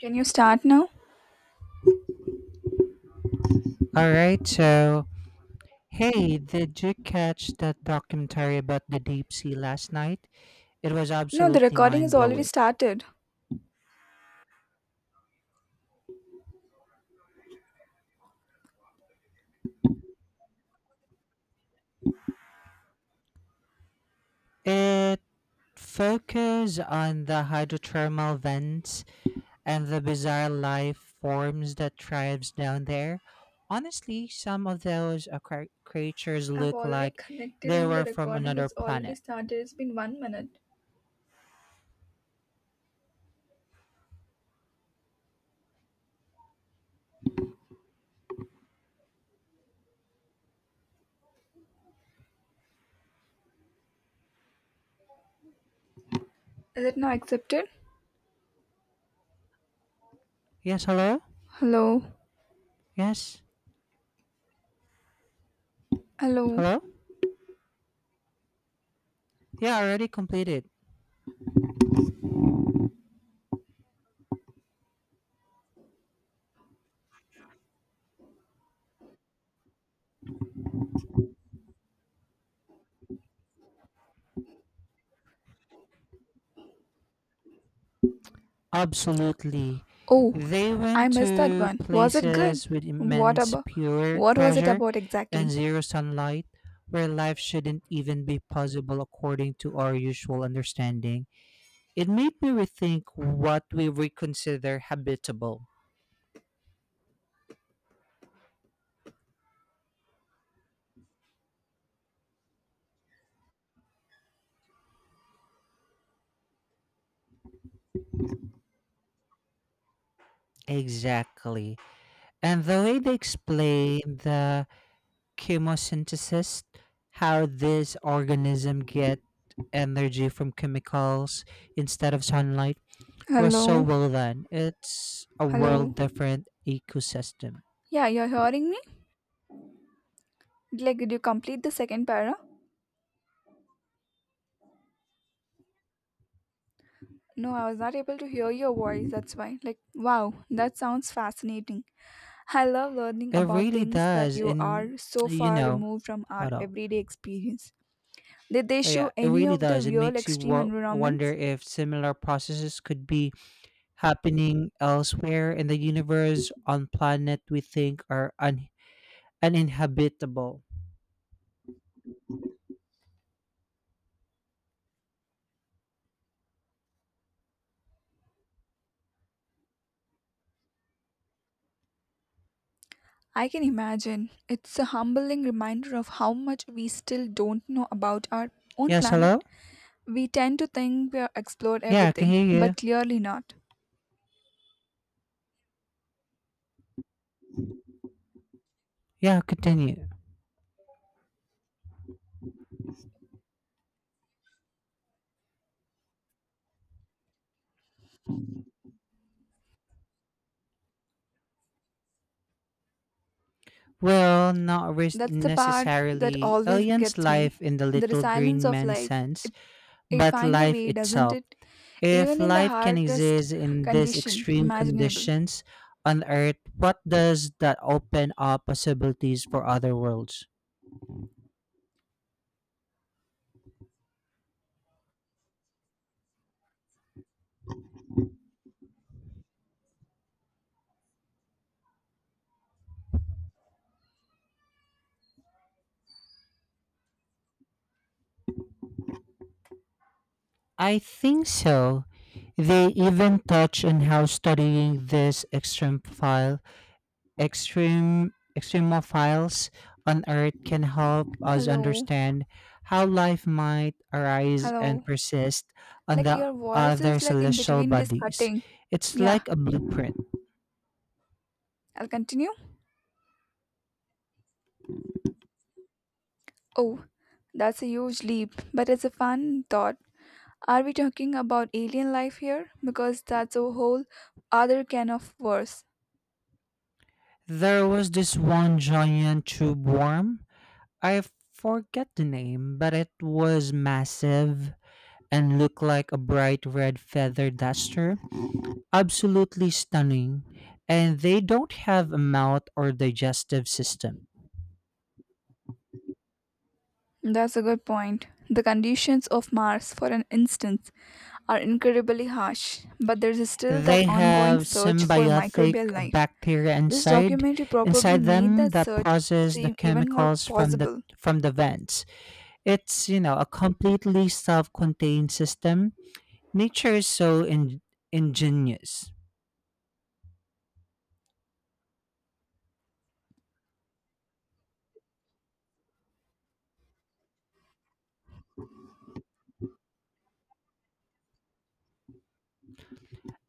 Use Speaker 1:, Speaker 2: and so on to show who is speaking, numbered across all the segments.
Speaker 1: Can you start now?
Speaker 2: All right, so hey, did you catch that documentary about the deep sea last night? It was
Speaker 1: No, the
Speaker 2: absolutely
Speaker 1: recording is
Speaker 2: mind
Speaker 1: already
Speaker 2: blowing.
Speaker 1: started.
Speaker 2: It focused on the hydrothermal vents and the bizarre life forms that thrives down there. Honestly, some of those creatures
Speaker 1: I've
Speaker 2: look
Speaker 1: already
Speaker 2: like
Speaker 1: connected
Speaker 2: they
Speaker 1: and the
Speaker 2: were from
Speaker 1: recording
Speaker 2: another
Speaker 1: is already
Speaker 2: planet.
Speaker 1: started. It's been 1 minute. Is it now accepted?
Speaker 2: Yes, hello?
Speaker 1: Hello?
Speaker 2: Yes,
Speaker 1: Hello?
Speaker 2: hello? Yeah, already completed. Absolutely.
Speaker 1: Oh,
Speaker 2: They
Speaker 1: I
Speaker 2: went
Speaker 1: missed that
Speaker 2: to
Speaker 1: one. Was it good?
Speaker 2: places with
Speaker 1: What
Speaker 2: immense
Speaker 1: about?
Speaker 2: pure
Speaker 1: What was it
Speaker 2: pressure
Speaker 1: about
Speaker 2: and
Speaker 1: exactly?
Speaker 2: zero sunlight where life shouldn't even be possible according to our usual understanding. It made me rethink what we would consider habitable. Exactly. And the way they explain the chemosynthesis, how this organism get energy from chemicals instead of sunlight was so
Speaker 1: Hello?
Speaker 2: well done. It's a world
Speaker 1: Hello?
Speaker 2: different ecosystem.
Speaker 1: Yeah, you're hearing me? Like, did you complete the second para? No, I was not able to hear your voice, that's why. Like, wow, that sounds fascinating. I love learning
Speaker 2: It
Speaker 1: about
Speaker 2: really
Speaker 1: things that
Speaker 2: does.
Speaker 1: you are so
Speaker 2: You
Speaker 1: far
Speaker 2: know,
Speaker 1: removed from our
Speaker 2: Hold on.
Speaker 1: everyday experience. Did they
Speaker 2: Oh,
Speaker 1: show
Speaker 2: yeah, it
Speaker 1: any
Speaker 2: really
Speaker 1: of the
Speaker 2: does. It
Speaker 1: real
Speaker 2: makes you
Speaker 1: extreme
Speaker 2: wonder
Speaker 1: environments?
Speaker 2: if similar processes could be happening elsewhere in the universe on planet we think are uninhabitable.
Speaker 1: I can imagine. It's a humbling reminder of how much we still don't know about our own
Speaker 2: Yes, hello?
Speaker 1: planet. We tend to think we have explored
Speaker 2: Yeah, I can
Speaker 1: everything,
Speaker 2: hear you.
Speaker 1: but clearly not.
Speaker 2: Yeah, continue. Well, not
Speaker 1: That's the part that
Speaker 2: necessarily
Speaker 1: always
Speaker 2: aliens'
Speaker 1: gets
Speaker 2: life
Speaker 1: me.
Speaker 2: in the
Speaker 1: The
Speaker 2: little
Speaker 1: resilience
Speaker 2: green
Speaker 1: of
Speaker 2: man
Speaker 1: life.
Speaker 2: sense,
Speaker 1: It
Speaker 2: but
Speaker 1: finds a
Speaker 2: life
Speaker 1: way, doesn't
Speaker 2: itself.
Speaker 1: it?
Speaker 2: If
Speaker 1: Even in the
Speaker 2: life can
Speaker 1: hardest
Speaker 2: exist in these
Speaker 1: condition
Speaker 2: extreme
Speaker 1: imaginable.
Speaker 2: conditions on Earth, what does that open up possibilities for other worlds? I think so. They even touch on how studying this extreme file, extreme extremophiles on Earth can help us
Speaker 1: Hello,
Speaker 2: understand how life might arise and
Speaker 1: hello.
Speaker 2: persist on
Speaker 1: Like
Speaker 2: the
Speaker 1: your voice
Speaker 2: other
Speaker 1: is like in
Speaker 2: celestial
Speaker 1: between this
Speaker 2: bodies.
Speaker 1: cutting.
Speaker 2: It's
Speaker 1: Yeah,
Speaker 2: like a blueprint.
Speaker 1: I'll continue. Oh, that's a huge leap, but it's a fun thought. Are we talking about alien life here? Because that's a whole other can of worms.
Speaker 2: There was this one giant tube worm. I forget the name, but it was massive and looked like a bright red feather duster. Absolutely stunning. And they don't have a mouth or digestive system.
Speaker 1: That's a good point. The conditions of Mars, for an instance, are incredibly harsh, but there's still that
Speaker 2: They
Speaker 1: ongoing
Speaker 2: have
Speaker 1: search for
Speaker 2: symbiotic
Speaker 1: microbial life.
Speaker 2: bacteria
Speaker 1: This
Speaker 2: inside
Speaker 1: documentary probably
Speaker 2: inside
Speaker 1: made
Speaker 2: them
Speaker 1: that
Speaker 2: that
Speaker 1: search
Speaker 2: process the
Speaker 1: seem even more
Speaker 2: chemicals
Speaker 1: possible.
Speaker 2: from the vents. A completely self-contained system. Nature is so ingenious.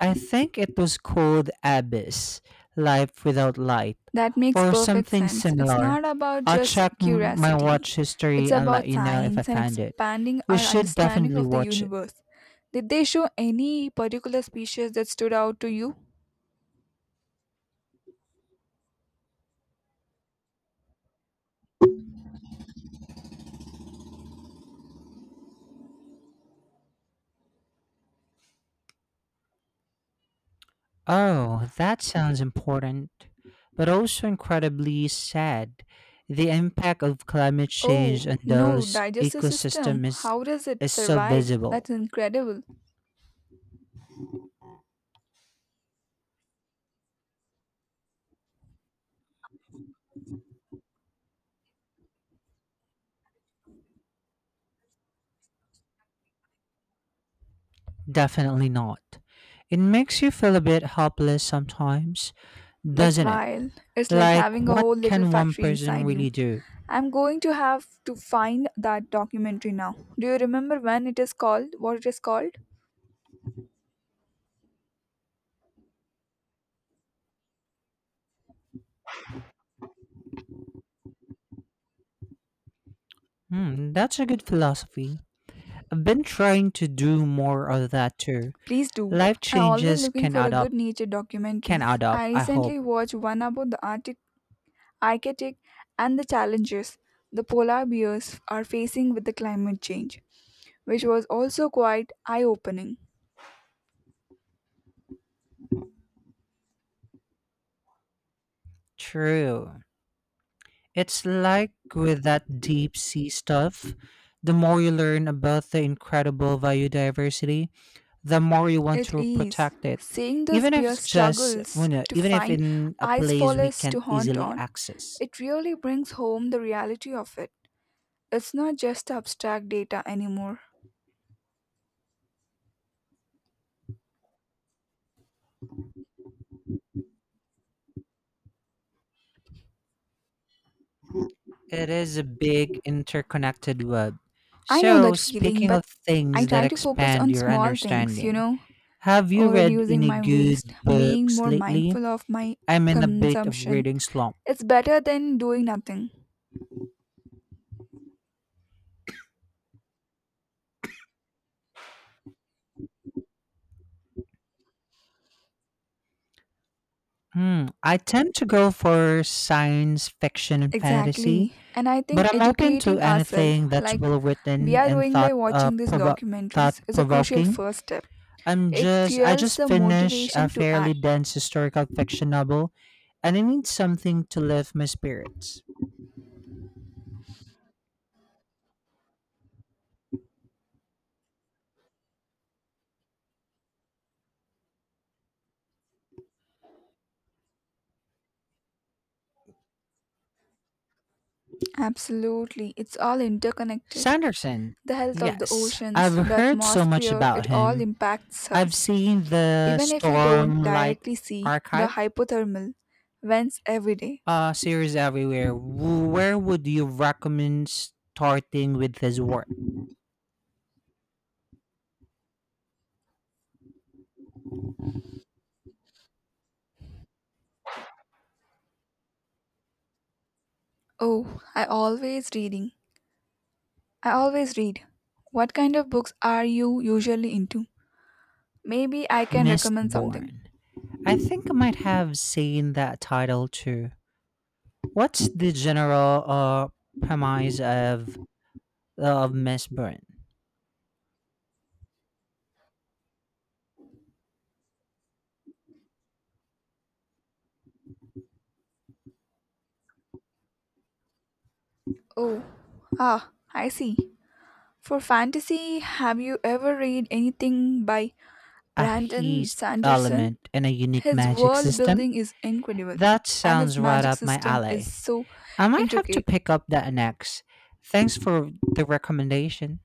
Speaker 2: I think it was called Abyss, Life Without Light,
Speaker 1: That makes
Speaker 2: or
Speaker 1: perfect
Speaker 2: something
Speaker 1: sense. It's
Speaker 2: similar.
Speaker 1: not about
Speaker 2: I'll
Speaker 1: just
Speaker 2: check my
Speaker 1: curiosity,
Speaker 2: watch
Speaker 1: it's
Speaker 2: history and let
Speaker 1: about
Speaker 2: you know if I
Speaker 1: science and
Speaker 2: find it.
Speaker 1: expanding
Speaker 2: You
Speaker 1: our
Speaker 2: should
Speaker 1: understanding
Speaker 2: definitely
Speaker 1: of the
Speaker 2: watch it.
Speaker 1: universe. Did they show any particular species that stood out to you?
Speaker 2: Oh, that sounds important, but also incredibly sad. The impact of climate change
Speaker 1: Oh,
Speaker 2: on
Speaker 1: no,
Speaker 2: those
Speaker 1: digestive system.
Speaker 2: ecosystems
Speaker 1: How does it
Speaker 2: is so
Speaker 1: survive?
Speaker 2: visible.
Speaker 1: That's incredible.
Speaker 2: Definitely not. It makes you feel a bit helpless sometimes,
Speaker 1: That's
Speaker 2: doesn't it?
Speaker 1: wild. It's like
Speaker 2: Like,
Speaker 1: having a
Speaker 2: what
Speaker 1: whole little
Speaker 2: can one
Speaker 1: factory
Speaker 2: person
Speaker 1: inside you.
Speaker 2: really do?
Speaker 1: I'm going to have to find that documentary now. Do you remember when it is called? What it is called?
Speaker 2: Hmm, that's a good philosophy. I've been trying to do more of that too.
Speaker 1: Please do.
Speaker 2: Life
Speaker 1: I always
Speaker 2: changes
Speaker 1: looking
Speaker 2: can
Speaker 1: for a
Speaker 2: add
Speaker 1: good
Speaker 2: up.
Speaker 1: nature
Speaker 2: Can
Speaker 1: documentaries.
Speaker 2: add up,
Speaker 1: I
Speaker 2: I hope.
Speaker 1: recently watched one about the Arctic and the challenges the polar bears are facing with the climate change, which was also quite eye-opening.
Speaker 2: True. It's like with that deep sea stuff. The more you learn about the incredible biodiversity, the more you want
Speaker 1: It
Speaker 2: to
Speaker 1: is
Speaker 2: protect it
Speaker 1: seeing this
Speaker 2: even if
Speaker 1: bear
Speaker 2: it's just you
Speaker 1: struggles
Speaker 2: know,
Speaker 1: to
Speaker 2: even if
Speaker 1: find
Speaker 2: in a
Speaker 1: ice
Speaker 2: place we
Speaker 1: forests
Speaker 2: can't
Speaker 1: to haunt
Speaker 2: easily
Speaker 1: on.
Speaker 2: access.
Speaker 1: It really brings home the reality of it. It's not just abstract data anymore.
Speaker 2: It is a big interconnected web.
Speaker 1: I know
Speaker 2: So
Speaker 1: that feeling,
Speaker 2: speaking of
Speaker 1: but I
Speaker 2: things that
Speaker 1: try to focus
Speaker 2: expand
Speaker 1: on
Speaker 2: your
Speaker 1: small things, you
Speaker 2: understanding,
Speaker 1: know,
Speaker 2: have you
Speaker 1: or
Speaker 2: read
Speaker 1: reducing
Speaker 2: any
Speaker 1: my
Speaker 2: good
Speaker 1: waste, being
Speaker 2: books
Speaker 1: more
Speaker 2: lately?
Speaker 1: mindful of my
Speaker 2: I'm in a bit of
Speaker 1: consumption.
Speaker 2: reading slump.
Speaker 1: It's better than doing nothing.
Speaker 2: Hmm, I tend to go for science fiction and fantasy,
Speaker 1: Exactly. And I
Speaker 2: but
Speaker 1: think
Speaker 2: I'm open to
Speaker 1: educating ourselves,
Speaker 2: anything that's
Speaker 1: like
Speaker 2: well
Speaker 1: we
Speaker 2: written
Speaker 1: are
Speaker 2: and
Speaker 1: doing by watching these
Speaker 2: thought
Speaker 1: documentaries, is a crucial
Speaker 2: provoking.
Speaker 1: first step.
Speaker 2: I'm
Speaker 1: It
Speaker 2: just I
Speaker 1: fuels
Speaker 2: just
Speaker 1: the
Speaker 2: finished a
Speaker 1: motivation to
Speaker 2: fairly
Speaker 1: act.
Speaker 2: dense historical fiction novel and I need something to lift my spirits.
Speaker 1: Absolutely. It's all interconnected.
Speaker 2: Sanderson.
Speaker 1: The health of the
Speaker 2: Yes,
Speaker 1: oceans, the
Speaker 2: I've heard so much
Speaker 1: atmosphere,
Speaker 2: about
Speaker 1: it all
Speaker 2: him.
Speaker 1: impacts
Speaker 2: I've
Speaker 1: us.
Speaker 2: seen the
Speaker 1: Even if we don't
Speaker 2: Stormlight
Speaker 1: directly see the
Speaker 2: Archive
Speaker 1: hypothermal vents every day.
Speaker 2: series everywhere. Where would you recommend starting with his work?
Speaker 1: Oh, I always reading. I always read. What kind of books are you usually into? Maybe I can recommend something.
Speaker 2: Mistborn. I think I might have seen that title too. What's the general premise of Mistburn.
Speaker 1: Oh, ah, I see. For fantasy, have you ever read anything by
Speaker 2: A
Speaker 1: Brandon
Speaker 2: heist
Speaker 1: Sanderson?
Speaker 2: element and a unique
Speaker 1: His
Speaker 2: magic
Speaker 1: world
Speaker 2: system?
Speaker 1: building is incredible,
Speaker 2: That
Speaker 1: and
Speaker 2: sounds
Speaker 1: his
Speaker 2: right
Speaker 1: magic
Speaker 2: up my
Speaker 1: system is
Speaker 2: alley.
Speaker 1: so
Speaker 2: I might have to
Speaker 1: intricate.
Speaker 2: pick up that next. Thanks for the recommendation.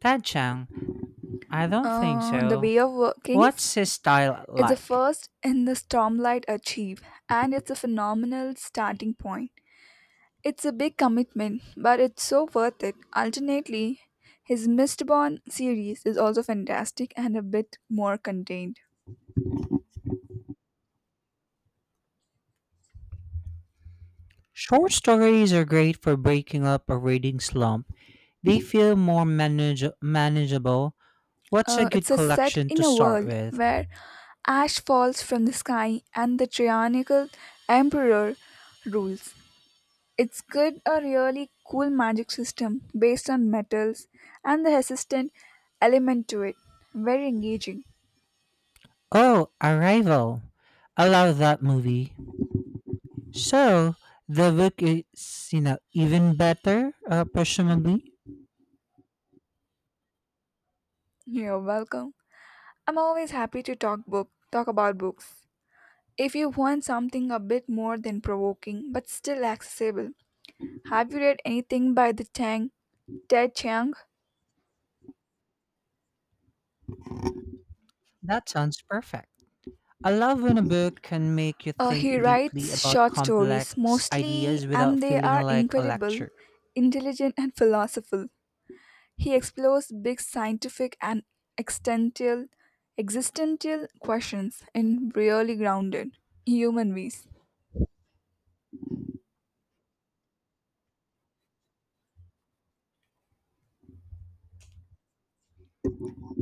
Speaker 2: Tad Chang, I don't think
Speaker 1: The
Speaker 2: so.
Speaker 1: Way of Kings
Speaker 2: What's his style
Speaker 1: is the
Speaker 2: like?
Speaker 1: first in the Stormlight Archive, and it's a phenomenal starting point. It's a big commitment, but it's so worth it. Ultimately, his Mistborn series is also fantastic and a bit more contained.
Speaker 2: Short stories are great for breaking up a reading slump. They feel more manageable. What's a good
Speaker 1: It's a set
Speaker 2: collection to
Speaker 1: in a
Speaker 2: start
Speaker 1: world
Speaker 2: with?
Speaker 1: where ash falls from the sky and the tyrannical emperor rules. It's got a really cool magic system based on metals and the resistant element to it. Very engaging.
Speaker 2: Oh, Arrival. I love that movie. So the book is, even better, presumably.
Speaker 1: You're welcome. I'm always happy to talk book talk about books. If you want something a bit more than provoking but still accessible, have you read anything by the Tang Ted Chiang?
Speaker 2: That sounds perfect. I love when a book can make you think
Speaker 1: He
Speaker 2: deeply
Speaker 1: writes
Speaker 2: about
Speaker 1: short stories
Speaker 2: complex
Speaker 1: mostly,
Speaker 2: ideas without
Speaker 1: and they
Speaker 2: feeling
Speaker 1: are
Speaker 2: like a
Speaker 1: incredible,
Speaker 2: lecture.
Speaker 1: intelligent, and philosophical. He explores big scientific and existential, existential questions in really grounded human ways.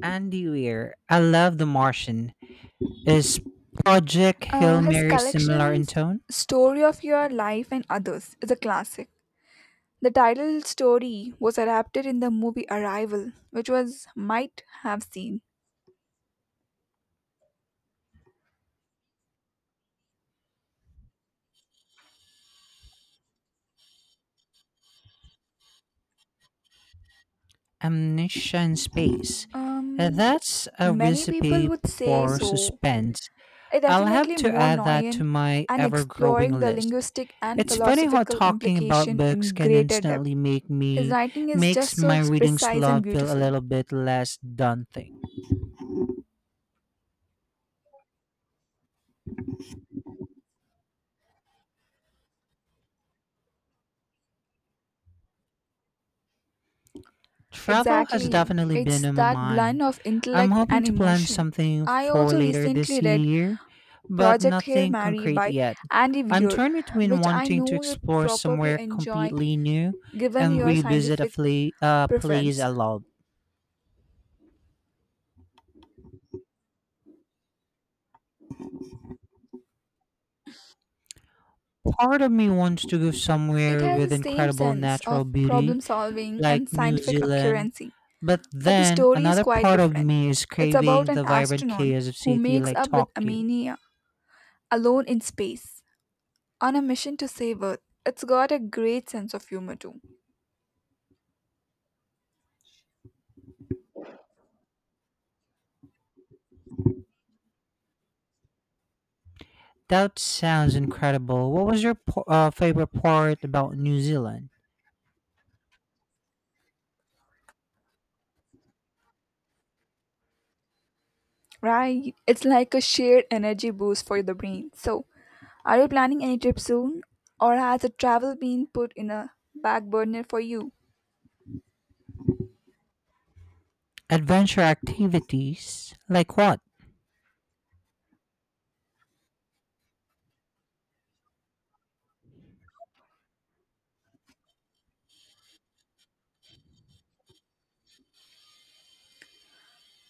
Speaker 2: Andy Weir, I love The Martian. Is Project Hail
Speaker 1: His
Speaker 2: Mary similar in
Speaker 1: collections,
Speaker 2: tone?
Speaker 1: Story of Your Life and Others, is a classic. The title story was adapted in the movie Arrival, which was might have seen.
Speaker 2: Amnesia in Space.
Speaker 1: Um,
Speaker 2: That's a
Speaker 1: Many people
Speaker 2: recipe
Speaker 1: would say
Speaker 2: for
Speaker 1: so.
Speaker 2: suspense.
Speaker 1: It
Speaker 2: I'll have
Speaker 1: definitely
Speaker 2: to
Speaker 1: more
Speaker 2: add that to
Speaker 1: nuanced
Speaker 2: my
Speaker 1: and
Speaker 2: ever
Speaker 1: exploring
Speaker 2: growing
Speaker 1: the
Speaker 2: list.
Speaker 1: linguistic and
Speaker 2: It's funny how
Speaker 1: philosophical
Speaker 2: talking about
Speaker 1: implication
Speaker 2: books
Speaker 1: in
Speaker 2: can
Speaker 1: greater depth.
Speaker 2: instantly make
Speaker 1: His
Speaker 2: me
Speaker 1: writing is
Speaker 2: makes
Speaker 1: just
Speaker 2: my
Speaker 1: so
Speaker 2: reading
Speaker 1: precise and
Speaker 2: slump feel a
Speaker 1: beautiful.
Speaker 2: little bit less daunting. Travel has
Speaker 1: Exactly,
Speaker 2: definitely been
Speaker 1: it's
Speaker 2: on my
Speaker 1: that blend
Speaker 2: mind.
Speaker 1: of
Speaker 2: I'm
Speaker 1: intellect
Speaker 2: hoping
Speaker 1: and
Speaker 2: to plan
Speaker 1: emotion.
Speaker 2: something
Speaker 1: I
Speaker 2: for
Speaker 1: also
Speaker 2: later
Speaker 1: recently
Speaker 2: this
Speaker 1: read
Speaker 2: year, but
Speaker 1: Project Hail
Speaker 2: nothing
Speaker 1: Mary
Speaker 2: concrete
Speaker 1: by
Speaker 2: yet.
Speaker 1: Andy
Speaker 2: I'm
Speaker 1: Weir,
Speaker 2: torn between
Speaker 1: which I
Speaker 2: wanting to
Speaker 1: know you'd
Speaker 2: explore
Speaker 1: probably
Speaker 2: somewhere
Speaker 1: enjoy
Speaker 2: completely new
Speaker 1: given
Speaker 2: and
Speaker 1: your
Speaker 2: revisit a
Speaker 1: scientific
Speaker 2: place
Speaker 1: preference.
Speaker 2: I love. Part of me wants to go
Speaker 1: It
Speaker 2: somewhere
Speaker 1: has the
Speaker 2: with
Speaker 1: same
Speaker 2: incredible
Speaker 1: sense
Speaker 2: natural
Speaker 1: of
Speaker 2: beauty,
Speaker 1: problem solving
Speaker 2: like
Speaker 1: and
Speaker 2: New
Speaker 1: scientific
Speaker 2: Zealand.
Speaker 1: accuracy,
Speaker 2: But
Speaker 1: but the
Speaker 2: then
Speaker 1: story is
Speaker 2: another
Speaker 1: quite
Speaker 2: part of
Speaker 1: different.
Speaker 2: me is
Speaker 1: It's about
Speaker 2: craving
Speaker 1: an
Speaker 2: the vibrant
Speaker 1: astronaut
Speaker 2: chaos of
Speaker 1: who
Speaker 2: city
Speaker 1: makes
Speaker 2: like
Speaker 1: up with
Speaker 2: Tokyo.
Speaker 1: ammonia alone in space on a mission to save Earth. It's got a great sense of humor too.
Speaker 2: That sounds incredible. What was your favorite part about New Zealand?
Speaker 1: Right. It's like a shared energy boost for the brain. So, are you planning any trip soon? Or has the travel been put in a back burner for you?
Speaker 2: Adventure activities? Like what?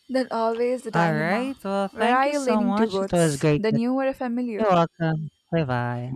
Speaker 1: Then always the
Speaker 2: All
Speaker 1: dilemma.
Speaker 2: right. Well,
Speaker 1: Where
Speaker 2: thank
Speaker 1: are
Speaker 2: you
Speaker 1: you
Speaker 2: so
Speaker 1: leaning
Speaker 2: much. It was
Speaker 1: towards?
Speaker 2: great.
Speaker 1: The new or a
Speaker 2: You're
Speaker 1: familiar?
Speaker 2: welcome. Bye bye.